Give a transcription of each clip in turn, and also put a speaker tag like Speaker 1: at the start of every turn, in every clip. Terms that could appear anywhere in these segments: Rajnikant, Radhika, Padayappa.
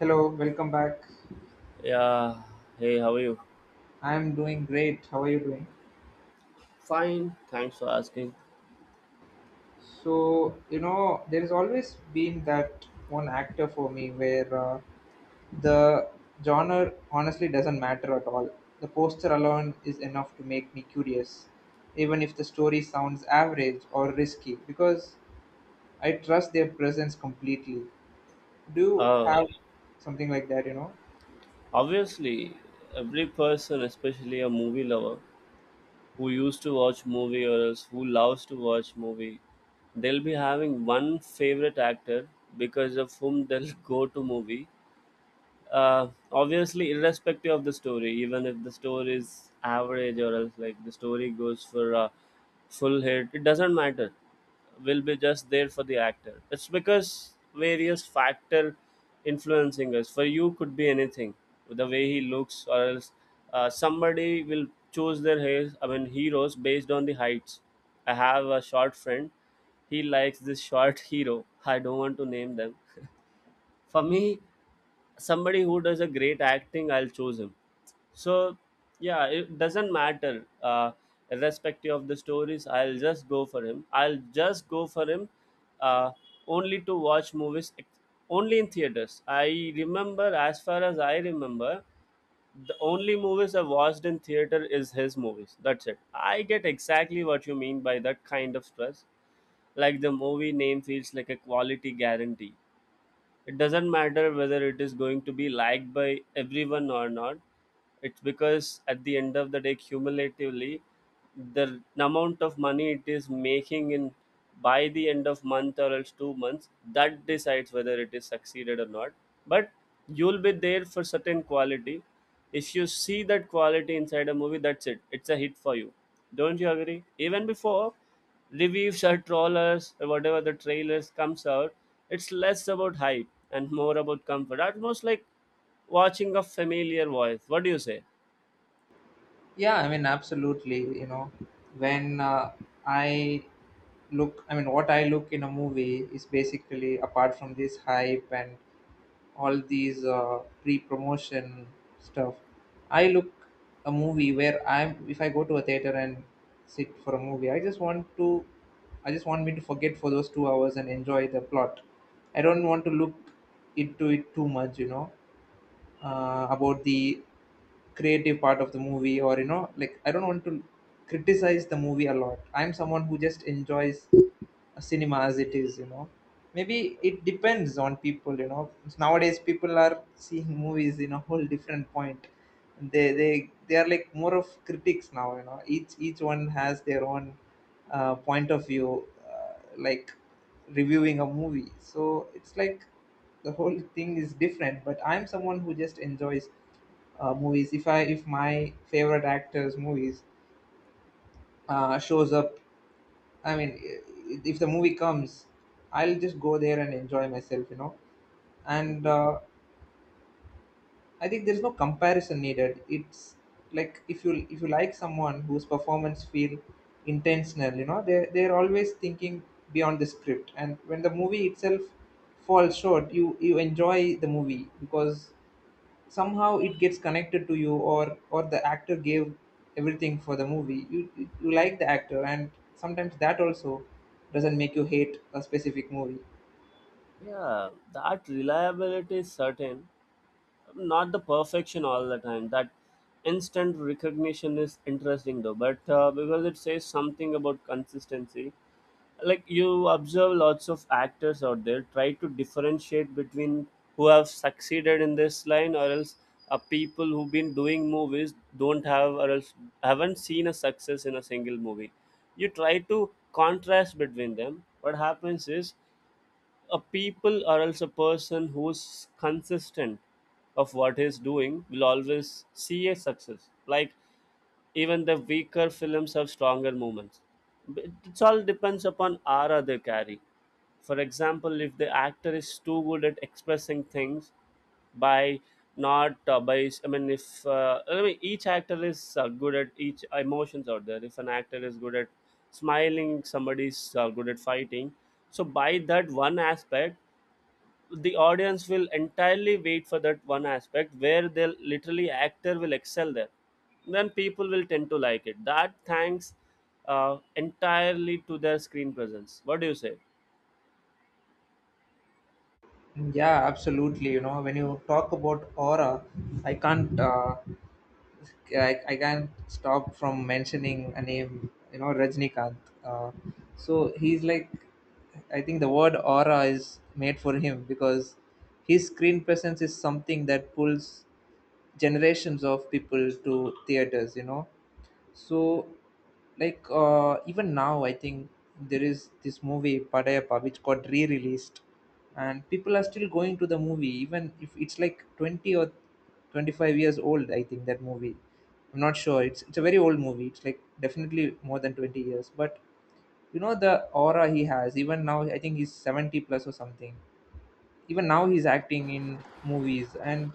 Speaker 1: Hello, welcome back.
Speaker 2: Yeah. Hey, how are you?
Speaker 1: I'm doing great. How are you doing?
Speaker 2: Fine. Thanks for asking.
Speaker 1: So, you know, there's always been that one actor for me where the genre honestly doesn't matter at all. The poster alone is enough to make me curious, even if the story sounds average or risky, because I trust their presence completely. Do you
Speaker 2: Uh,
Speaker 1: have something like that, you know?
Speaker 2: obviously, every person, especially a movie lover who used to watch movie or else who loves to watch movie, they'll be having one favorite actor because of whom they'll go to movie, obviously irrespective of the story, even if the story is average or else like the story goes for a full hit, it doesn't matter. We'll be just there for the actor. It's because various factor influencing us for you could be anything. The way he looks or else, somebody will choose their hairs, I mean heroes, based on the heights. I have a short friend. He likes this short hero. I don't want to name them. For me, somebody who does a great acting, I'll choose him. So yeah, it doesn't matter. Irrespective of the stories, I'll just go for him. I'll just go for him uh only to watch movies only in theaters. I remember, as far as I remember, the only movies I watched in theater is his movies. That's it. I get exactly what you mean by that kind of stress. Like the movie name feels like a quality guarantee. It doesn't matter whether it is going to be liked by everyone or not. It's because at the end of the day, cumulatively, the amount of money it is making in by the end of month or else 2 months, that decides whether it is succeeded or not. But you'll be there for certain quality. If you see that quality inside a movie, that's it. It's a hit for you. Don't you agree? Even before reviews or trawlers or whatever, the trailers comes out. It's less about hype and more about comfort, almost like watching a familiar voice. What do you say?
Speaker 1: Yeah, I mean, absolutely. You know, when I look, I mean, what I look in a movie is basically apart from this hype and all these pre-promotion stuff. I look a movie where I'm. If I go to a theater and sit for a movie, I just want to. I just want me to forget for those 2 hours and enjoy the plot. I don't want to look into it too much, you know about the creative part of the movie, or you know, like I don't want to criticize the movie a lot. I'm someone who just enjoys a cinema as it is, you know. Maybe it depends on people, you know. Nowadays people are seeing movies in a whole different point. They are like more of critics now, you know. Each one has their own point of view, like reviewing a movie, so it's like the whole thing is different. But I'm someone who just enjoys movies. If my favorite actors movies shows up, if the movie comes, I'll just go there and enjoy myself, you know. And
Speaker 2: Hmm.
Speaker 1: I think there's no comparison needed. It's like if you like someone whose performance feel intentional, you know, they're always thinking beyond the script. And when the movie itself falls short, you enjoy the movie because somehow it gets connected to you, or the actor gave everything for the movie. You like the actor, and sometimes that also doesn't make you hate a specific movie.
Speaker 2: Yeah, that reliability is certain, not the perfection all the time. That instant recognition is interesting though, but because it says something about consistency. Like you observe lots of actors out there, try to differentiate between who have succeeded in this line, or else people who've been doing movies don't have or else haven't seen a success in a single movie. You try to contrast between them. What happens is a people or else a person who's consistent of what he's doing will always see a success. Like even the weaker films have stronger moments. But it all depends upon aura they carry. For example, if the actor is too good at expressing things by not by, I mean, if I mean, each actor is good at each emotions out there. If an actor is good at smiling, somebody is good at fighting. So by that one aspect, the audience will entirely wait for that one aspect where the literally actor will excel there, then people will tend to like it. That thanks entirely to their screen presence. What do you say?
Speaker 1: Yeah, absolutely. You know, when you talk about aura, I can't. I can't stop from mentioning a name, you know, Rajnikant. Uh, so he's like, I think the word aura is made for him because his screen presence is something that pulls generations of people to theaters, you know. So, like even now, I think there is this movie Padayappa which got re-released, and people are still going to the movie even if it's like 20 or 25 years old. I think that movie. I'm not sure. It's a very old movie. It's like definitely more than 20 years. But you know the aura he has. Even now, I think he's 70 plus or something. Even now he's acting in movies, and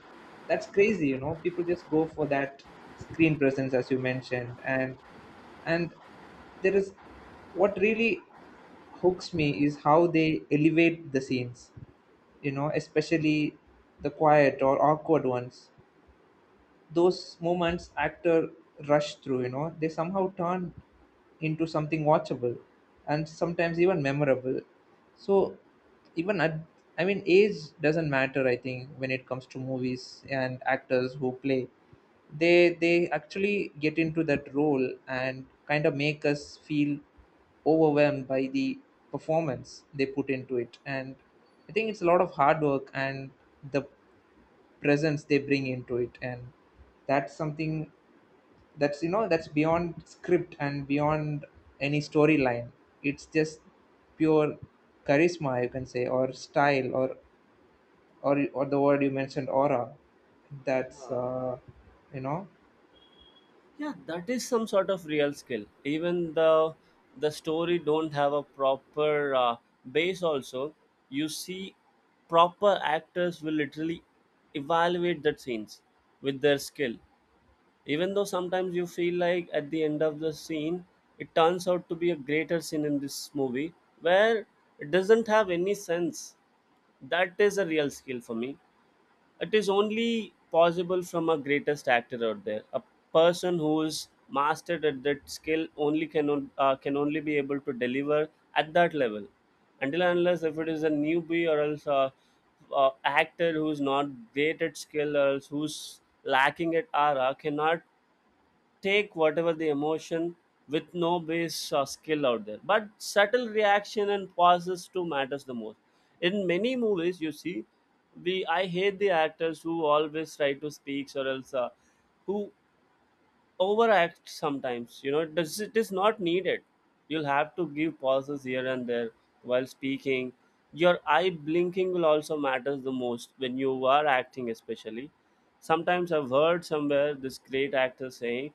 Speaker 1: that's crazy, you know. People just go for that screen presence as you mentioned. And there is what really hooks me is how they elevate the scenes, you know, especially the quiet or awkward ones. Those moments actor rush through, you know, they somehow turn into something watchable, and sometimes even memorable. So even at, I mean, age doesn't matter, I think, when it comes to movies and actors who play. They actually get into that role and kind of make us feel overwhelmed by the performance they put into it. And I think it's a lot of hard work and the presence they bring into it. And that's something, that's you know that's beyond script and beyond any storyline. It's just pure charisma, you can say, or style, or the word you mentioned, aura. That's uh, you know
Speaker 2: Yeah, that is some sort of real skill. Even the story don't have a proper base also, you see, proper actors will literally evaluate that scenes with their skill. Even though sometimes you feel like at the end of the scene, it turns out to be a greater scene in this movie where it doesn't have any sense. That is a real skill for me. It is only possible from a greatest actor out there. A person who is mastered at that skill only can can only be able to deliver at that level. Until and unless if it is a newbie or else a actor who is not great at skill or else who's lacking at aura cannot take whatever the emotion with no base or skill out there. But subtle reaction and pauses too matters the most. In many movies you see, we I hate the actors who always try to speak or else who overact sometimes, you know. It does, it is not needed. You'll have to give pauses here and there while speaking. Your eye blinking will also matters the most when you are acting, especially. Sometimes I've heard somewhere this great actor saying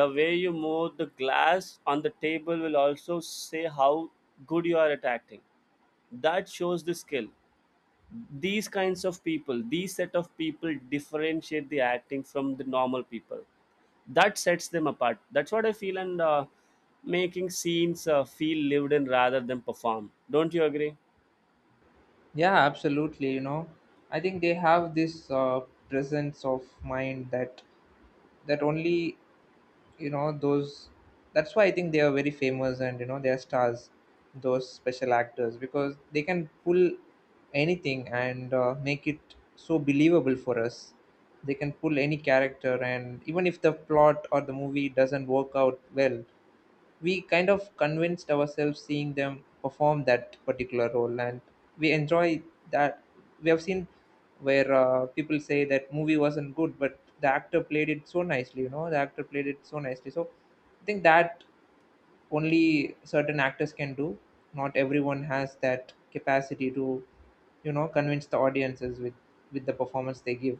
Speaker 2: the way you move the glass on the table will also say how good you are at acting. That shows the skill. These kinds of people, these set of people differentiate the acting from the normal people. That sets them apart. That's what I feel. And making scenes feel lived in rather than performed. Don't you agree?
Speaker 1: yeah, absolutely. You know, I think they have this presence of mind that only you know. Those that's why I think they are very famous, and you know, they are stars, those special actors, because they can pull anything and make it so believable for us. They can pull any character, and even if the plot or the movie doesn't work out well, we kind of convinced ourselves seeing them perform that particular role, and we enjoy that. We have seen where people say that movie wasn't good but the actor played it so nicely, you know, the actor played it so nicely. So I think that only certain actors can do. Not everyone has that capacity to, you know, convince the audiences with the performance they give.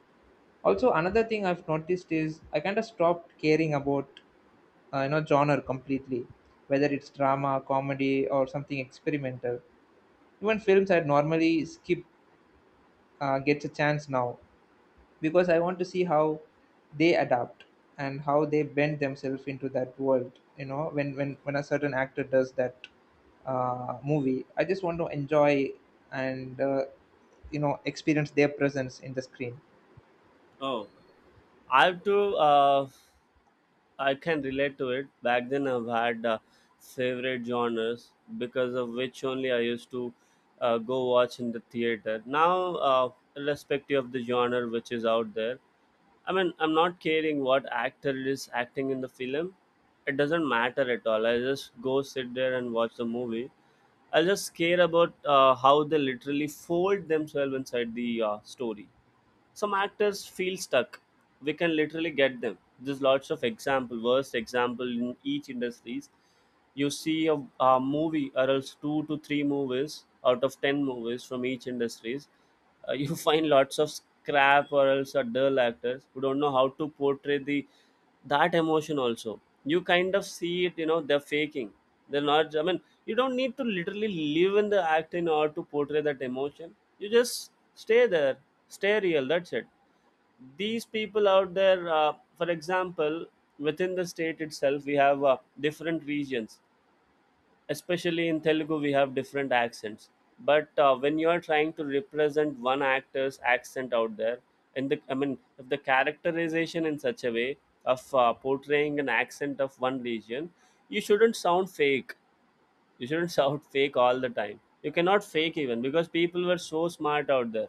Speaker 1: Also, another thing I've noticed is I kind of stopped caring about you know, genre completely, whether it's drama, comedy, or something experimental. Even films I'd normally skip gets a chance now, because I want to see how they adapt and how they bend themselves into that world. You know, when a certain actor does that movie, I just want to enjoy and you know, experience their presence in the screen.
Speaker 2: Oh, I have to, uh, I can relate to it. Back then I've had favorite genres because of which only I used to go watch in the theater. Now, irrespective of the genre which is out there, I mean, I'm not caring what actor is acting in the film. It doesn't matter at all. I just go sit there and watch the movie. I just care about how they literally fold themselves inside the story. Some actors feel stuck. We can literally get them. There's lots of example, worst example in each industries. You see a movie or else two to three movies out of ten movies from each industries. You find lots of scrap or else are dull actors who don't know how to portray the that emotion also. You kind of see it, you know, they're faking. They're not, I mean, you don't need to literally live in the act in order to portray that emotion. You just stay there, stay real. That's it. These people out there, for example, within the state itself we have different regions, especially in Telugu, we have different accents. But when you are trying to represent one actor's accent out there, and the I mean, if the characterization in such a way of portraying an accent of one region, you shouldn't sound fake. You shouldn't shout fake all the time. You cannot fake even, because people were so smart out there.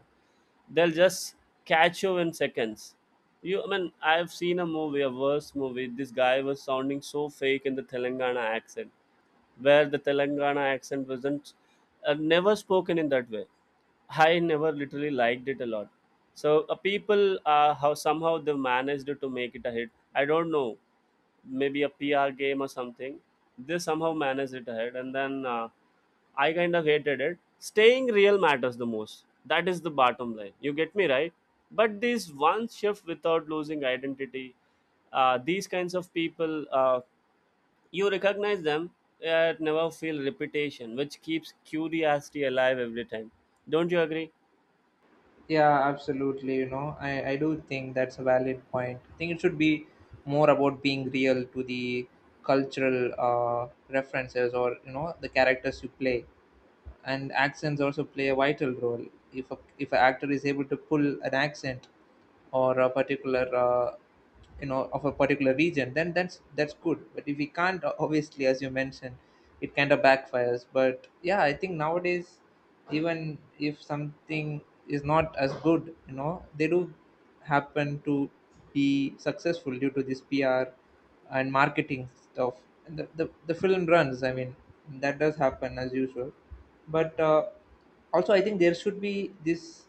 Speaker 2: They'll just catch you in seconds. You, I mean, I've seen a movie, a worse movie. This guy was sounding so fake in the Telangana accent, where the Telangana accent wasn't never spoken in that way. I never literally liked it a lot. So people, how somehow they managed to make it a hit, I don't know. Maybe a PR game or something. They somehow managed it ahead, and then I kind of hated it. Staying real matters the most. That is the bottom line. You get me right? But this one shift without losing identity, these kinds of people, you recognize them yet never feel repetition, which keeps curiosity alive every time. Don't you agree?
Speaker 1: Yeah, absolutely. You know, I do think that's a valid point. I think it should be more about being real to the cultural references, or you know, the characters you play, and accents also play a vital role. If an actor is able to pull an accent or a particular, you know, of a particular region, then that's good. But if we can't, obviously as you mentioned, it kind of backfires. But yeah, I think nowadays, even if something is not as good, you know, they do happen to be successful due to this PR and marketing stuff. The film runs, I mean, that does happen as usual. But also I think there should be this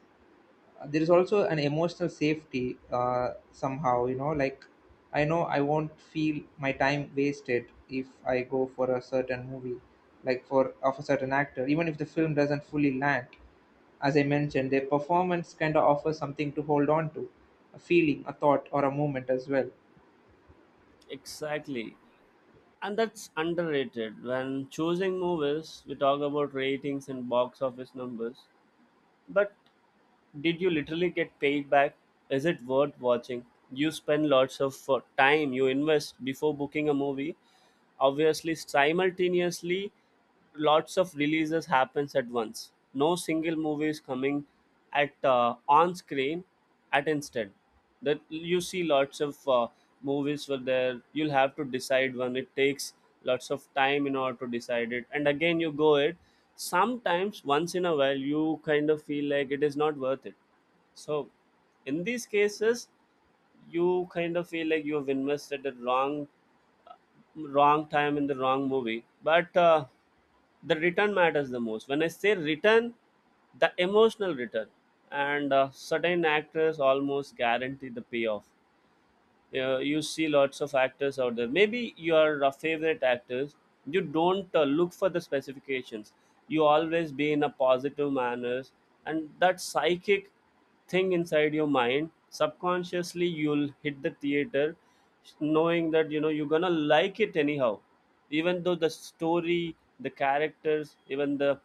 Speaker 1: there is also an emotional safety somehow, you know, like I know I won't feel my time wasted if I go for a certain movie, like for of a certain actor, even if the film doesn't fully land. As I mentioned, their performance kind of offers something to hold on to, a feeling, a thought, or a moment as well.
Speaker 2: Exactly. And that's underrated. When choosing movies, we talk about ratings and box office numbers. But did you literally get paid back? Is it worth watching? You spend lots of time you invest before booking a movie. Obviously, simultaneously, lots of releases happens at once. No single movie is coming at on screen at instant. That you see lots of movies were there. You'll have to decide one. It takes lots of time in order to decide it, and again you go it. Sometimes once in a while you kind of feel like it is not worth it. So in these cases, you kind of feel like you have invested the wrong time in the wrong movie. But the return matters the most. When I say return, the emotional return, and certain actors almost guarantee the payoff. You see lots of actors out there, maybe your favorite actors, you don't look for the specifications. You always be in a positive manners, and that psychic thing inside your mind subconsciously, you'll hit the theater knowing that, you know, you're gonna like it anyhow. Even though the story, the characters, even the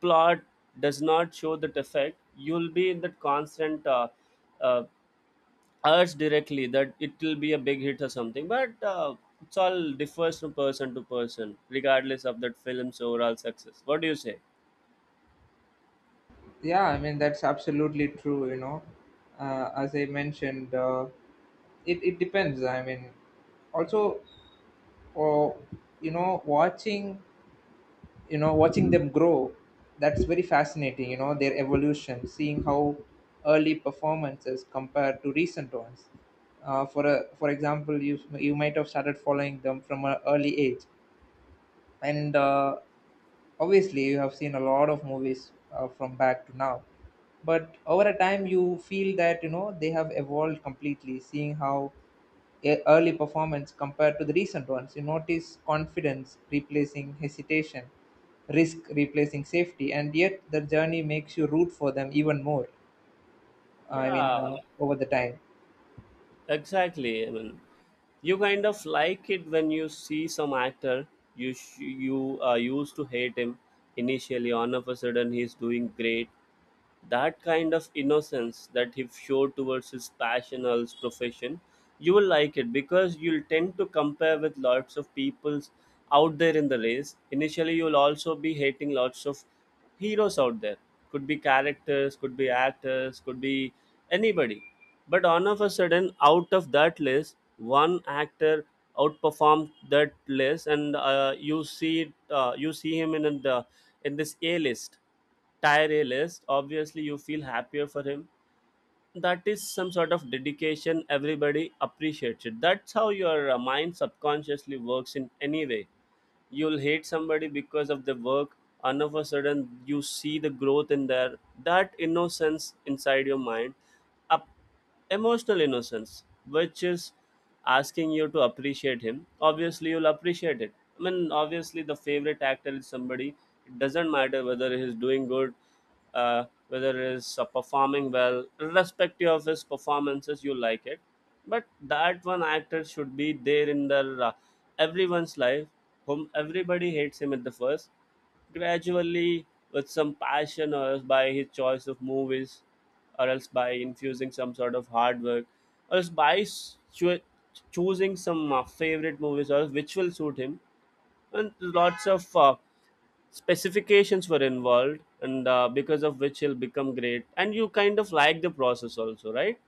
Speaker 2: plot does not show that effect, you'll be in that constant uh, urge directly that it will be a big hit or something. But it's all differs from person to person, regardless of that film's overall success. What do you say?
Speaker 1: Yeah, I mean that's absolutely true, you know. Uh, as I mentioned, it depends, I mean, also or, you know, watching them grow. That's very fascinating, you know, their evolution, seeing how early performances compare to recent ones. Uh, for example, you might have started following them from an early age, and obviously you have seen a lot of movies from back to now. But over a time, you feel that, you know, they have evolved completely, seeing how early performance compared to the recent ones, you notice confidence replacing hesitation, risk replacing safety, and yet the journey makes you root for them even more. I mean,
Speaker 2: Yeah,
Speaker 1: over the time.
Speaker 2: exactly. I mean, you kind of like it when you see some actor you used to hate him initially, all of a sudden he's doing great. That kind of innocence that he showed towards his passion or his profession, you will like it, because you'll tend to compare with lots of peoples out there in the race. Initially, you'll also be hating lots of heroes out there. Could be characters, could be actors, could be anybody. But all of a sudden, out of that list, one actor outperformed that list, and you see you see him in the in this A list tireless. Obviously you feel happier for him. That is some sort of dedication, everybody appreciates it. That's how your mind subconsciously works in any way. You'll hate somebody because of the work and of a sudden you see the growth in there, that innocence inside your mind. Up emotional innocence, which is asking you to appreciate him. Obviously, you'll appreciate it. I mean, obviously, the favorite actor is somebody. It doesn't matter whether he's doing good, whether he's performing well. Irrespective of his performances, you like it. But that one actor should be there in the uh, everyone's life, whom everybody hates him at the first, gradually with some passion or else by his choice of movies or else by infusing some sort of hard work or else by choosing some favorite movies or else which will suit him, and lots of specifications were involved, and because of which he'll become great and you kind of like the process also, right?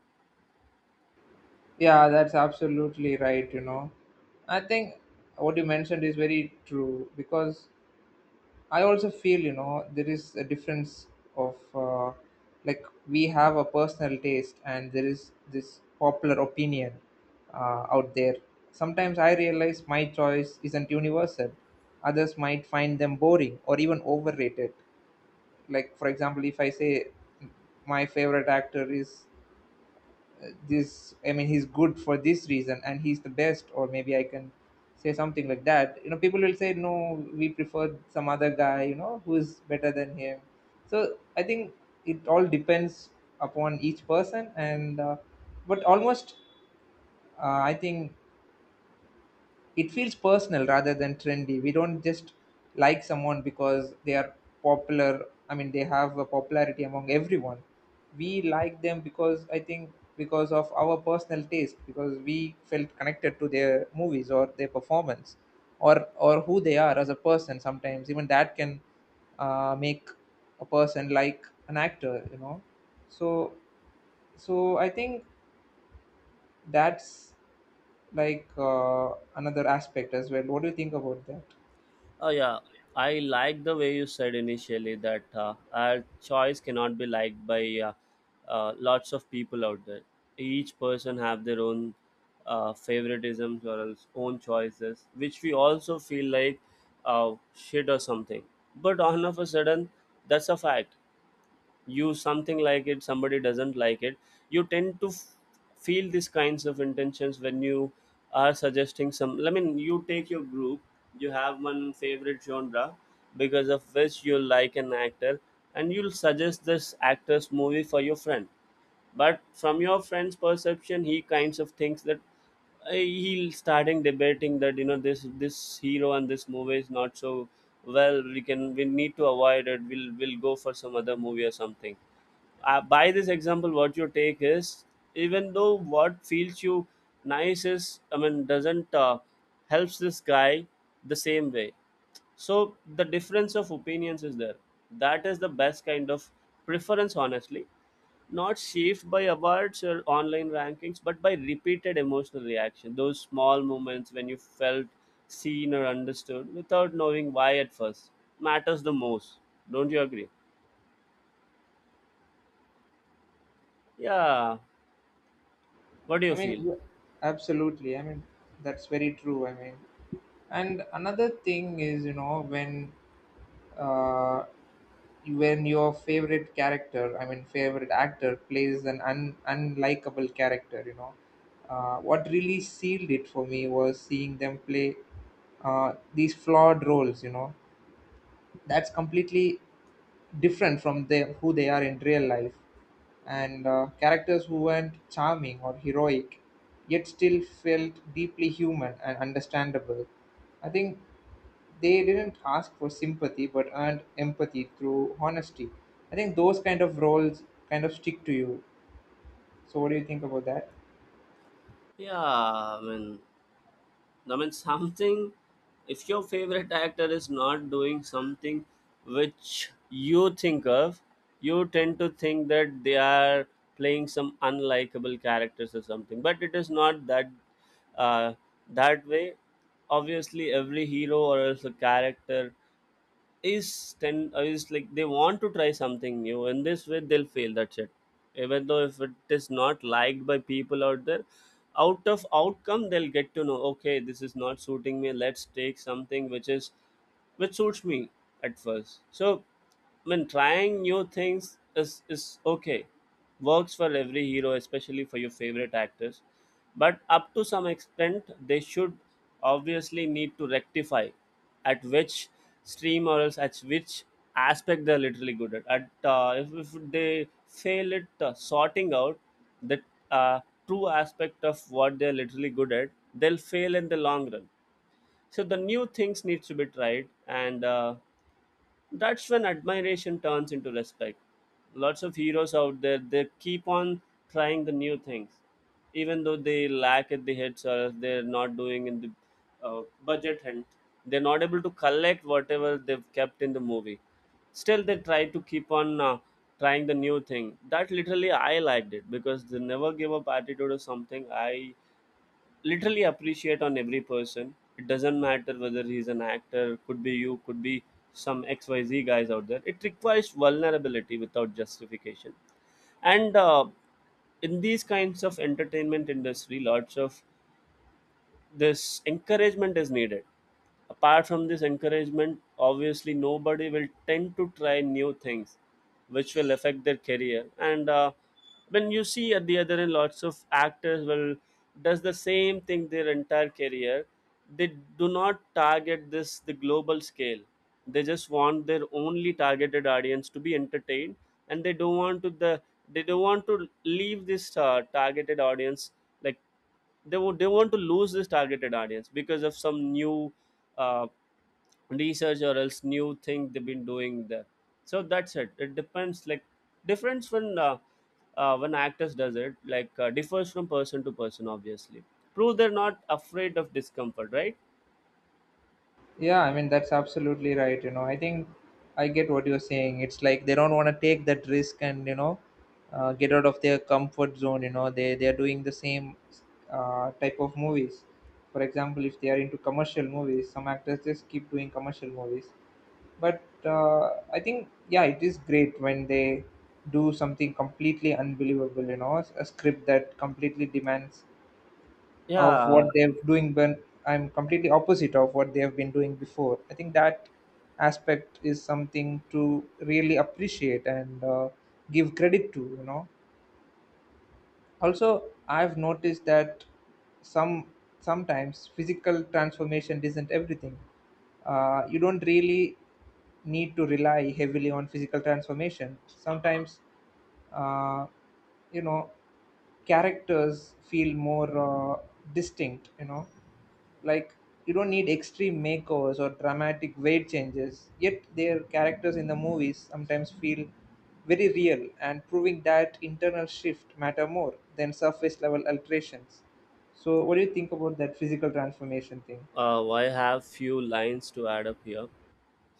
Speaker 1: Yeah, that's absolutely right. You know, I think what you mentioned is very true, because I also feel, you know, there is a difference of, like we have a personal taste and there is this popular opinion out there. Sometimes I realize my choice isn't universal. Others might find them boring or even overrated. Like, for example, if I say my favorite actor is this, I mean he's good for this reason and he's the best, or maybe I can say something like that, you know, people will say no, we prefer some other guy, you know, who's better than him. So I think it all depends upon each person and but almost I think it feels personal rather than trendy. We don't just like someone because they are popular. I mean, they have a popularity among everyone. We like them because, I think, because of our personal taste, because we felt connected to their movies or their performance, or who they are as a person. Sometimes even that can make a person like an actor, you know. So so I think that's like, another aspect as well. What do you think about that?
Speaker 2: Oh yeah, I like the way you said initially that our choice cannot be liked by lots of people out there. Each person have their own favoritisms or else own choices, which we also feel like shit or something. But all of a sudden, that's a fact. You something like it, somebody doesn't like it, you tend to feel these kinds of intentions when you are suggesting some, I mean, you take your group, you have one favorite genre because of which you like an actor and you'll suggest this actor's movie for your friend, but from your friend's perception he kinds of thinks that he'll starting debating that, you know, this hero and this movie is not so well, we can, we need to avoid it, we'll go for some other movie or something. By this example what you take is, even though what feels you nice is, I mean, doesn't helps this guy the same way, so the difference of opinions is there. That is the best kind of preference, honestly, not shaped by awards or online rankings, but by repeated emotional reaction. Those small moments when you felt seen or understood without knowing why at first matters the most. Don't you agree? Yeah. What do you
Speaker 1: I mean,
Speaker 2: feel?
Speaker 1: absolutely. I mean, that's very true. I mean, and another thing is, you know, uh, when your favorite favorite actor plays an unlikable character, you know, what really sealed it for me was seeing them play these flawed roles, you know. That's completely different from them, who they are in real life, and characters who weren't charming or heroic, yet still felt deeply human and understandable. I think they didn't ask for sympathy but earned empathy through honesty. I think those kind of roles kind of stick to you. So what do you think about that?
Speaker 2: Yeah, I mean something. If your favorite actor is not doing something which you think of, you tend to think that they are playing some unlikable characters or something. But it is not that, uh, that way. Obviously, every hero or else a character is ten is like they want to try something new. In this way they'll fail, that's it. Even though if it is not liked by people out there, out of outcome they'll get to know, okay, this is not suiting me, let's take something which is which suits me at first. So when trying new things is okay, works for every hero, especially for your favorite actors. But up to some extent, they should obviously need to rectify at which stream or else at which aspect they're literally good at. At if they fail at sorting out the uh, true aspect of what they're literally good at, they'll fail in the long run. So the new things needs to be tried, and that's when admiration turns into respect. Lots of heroes out there, they keep on trying the new things, even though they lack at the hits or they're not doing in the budget and they're not able to collect whatever they've kept in the movie. Still, they try to keep on trying the new thing. That literally I liked it, because the never give up attitude or something I literally appreciate on every person. It doesn't matter whether he's an actor, could be you, could be some XYZ guys out there. It requires vulnerability without justification. And in these kinds of entertainment industry, lots of this encouragement is needed. Apart from this encouragement, obviously nobody will tend to try new things which will affect their career. And when you see at the other end, lots of actors will does the same thing their entire career. They do not target this the global scale, they just want their only targeted audience to be entertained, and they don't want to the they don't want to leave this targeted audience. Like they would, they want to lose this targeted audience because of some new uh, research or else new thing they've been doing there. So that's it, it depends, like difference when actors does it, like differs from person to person obviously. Prove they're not afraid of discomfort, right?
Speaker 1: Yeah, I mean that's absolutely right. You know, I think I get what you're saying. It's like they don't want to take that risk, and you know, get out of their comfort zone. You know, they are doing the same type of movies. For example, if they are into commercial movies, some actors just keep doing commercial movies. But I think yeah, it is great when they do something completely unbelievable. You know, a script that completely demands of what
Speaker 2: Yeah.
Speaker 1: they're doing, but I'm completely opposite of what they have been doing before. I think that aspect is something to really appreciate, and give credit to, you know. Also, I've noticed that some sometimes physical transformation isn't everything. Uh, you don't really need to rely heavily on physical transformation sometimes. Uh, you know, characters feel more, uh, distinct, you know, like you don't need extreme makeovers or dramatic weight changes, yet their characters in the movies sometimes feel very real, and proving that internal shift matter more than surface level alterations. So what do you think about that physical transformation thing?
Speaker 2: I have few lines to add up here.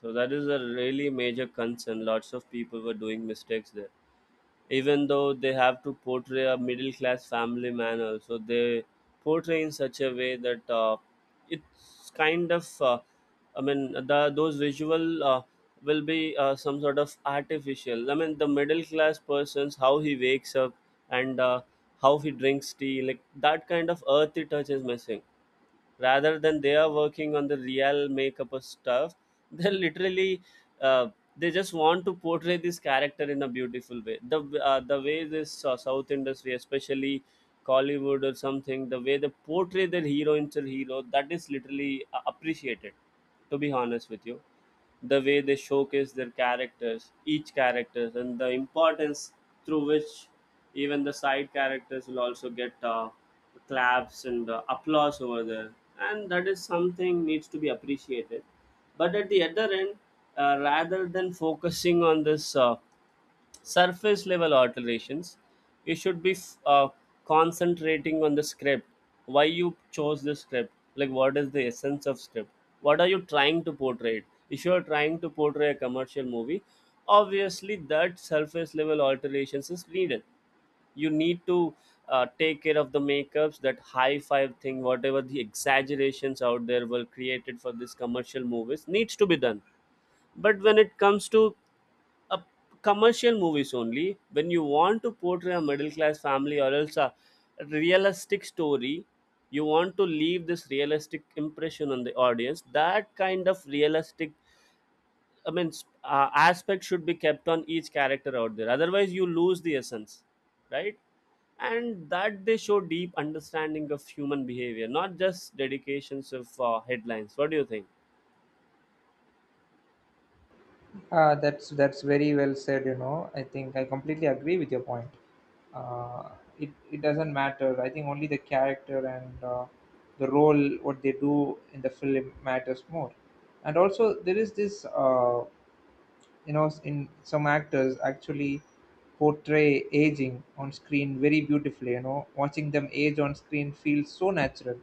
Speaker 2: So that is a really major concern, lots of people were doing mistakes there. Even though they have to portray a middle class family man, also they portray in such a way that it's kind of, I mean the those visual will be some sort of artificial. I mean the middle class person's how he wakes up and how he drinks tea, like that kind of earthy touch is missing. Rather than they are working on the real makeup of stuff, they're literally uh, they just want to portray this character in a beautiful way. The the way this south industry, especially Hollywood or something, the way they portray their hero into hero, that is literally appreciated, to be honest with you. The way they showcase their characters, each characters, and the importance through which even the side characters will also get claps and applause over there. And that is something needs to be appreciated, but at the other end, rather than focusing on this surface level alterations, you should be concentrating on the script. Why you chose the script, like what is the essence of script, what are you trying to portray? If you are trying to portray a commercial movie, obviously that surface level alterations is needed. You need to take care of the makeups, that high five thing, whatever the exaggerations out there were created for these commercial movies needs to be done. But when it comes to uh, commercial movies, only when you want to portray a middle class family or else a realistic story, you want to leave this realistic impression on the audience, that kind of realistic, I mean aspect should be kept on each character out there, otherwise you lose the essence, right? And that they show deep understanding of human behavior, not just dedications of headlines. What do you think?
Speaker 1: That's very well said. You know, I think I completely agree with your point. Uh, it it doesn't matter. I think only the character and the role what they do in the film matters more. And also there is this you know, in some actors actually portray aging on screen very beautifully, you know. Watching them age on screen feels so natural.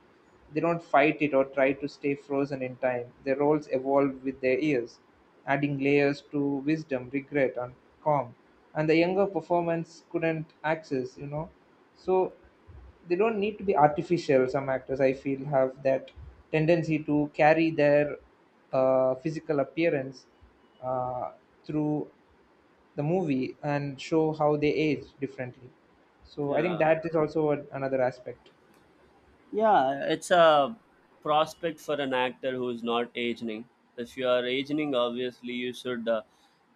Speaker 1: They don't fight it or try to stay frozen in time. Their roles evolve with their years, adding layers to wisdom, regret, and calm, and the younger performance couldn't access, you know. So they don't need to be artificial. Some actors, I feel, have that tendency to carry their physical appearance uh, through the movie and show how they age differently. So I think
Speaker 2: Yeah.
Speaker 1: that is also a, another aspect.
Speaker 2: Yeah, it's a prospect for an actor who's not aging. If you are aging, obviously you should.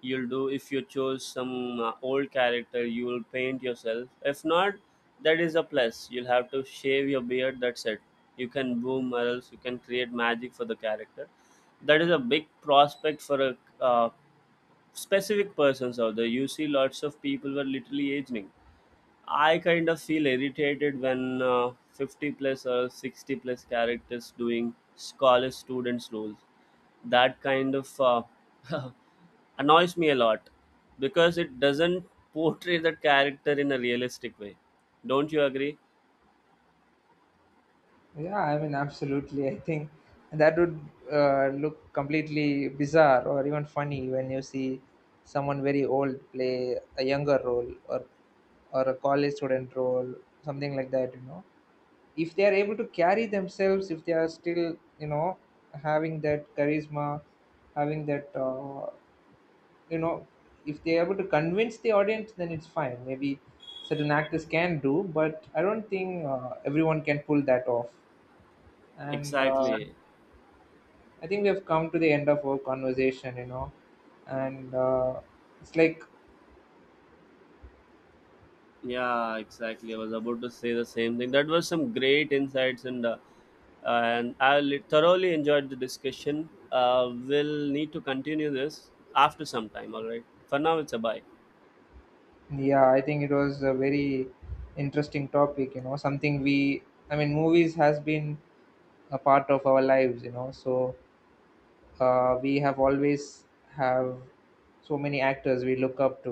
Speaker 2: You'll do. If you choose some old character, you will paint yourself. If not, that is a plus. You'll have to shave your beard, that's it. You can boom, or else you can create magic for the character. That is a big prospect for a specific persons out there. You see, lots of people were literally aging. I kind of feel irritated when 50 plus or 60 plus characters doing scholar students roles. That kind of annoys me a lot, because it doesn't portray the character in a realistic way. Don't you agree?
Speaker 1: Yeah, I mean, absolutely. I think that would look completely bizarre or even funny when you see someone very old play a younger role, or a college student role, something like that. You know, if they are able to carry themselves, if they are still, you know, having that charisma, having that, you know, if they are able to convince the audience, then it's fine. Maybe certain actors can do, but I don't think everyone can pull that off. And
Speaker 2: Exactly.
Speaker 1: I think we have come to the end of our conversation, you know, and it's like,
Speaker 2: Yeah, exactly. I was about to say the same thing. That was some great insights, and thoroughly enjoyed the discussion. We'll need to continue this after some time. All right. For now, it's a bye.
Speaker 1: yeah, I think it was a very interesting topic, you know, something we, I mean, movies has been a part of our lives, you know. So we have always have so many actors we look up to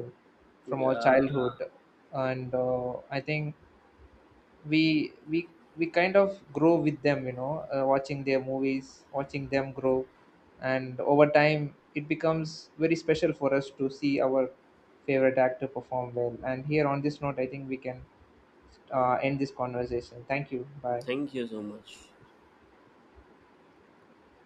Speaker 1: from our
Speaker 2: Yeah.
Speaker 1: childhood. And I think we we we kind of grow with them, you know, watching their movies, watching them grow. And over time it becomes very special for us to see our favorite actor perform well. And here on this note, I think we can end this conversation. Thank you. Bye.
Speaker 2: Thank you so much.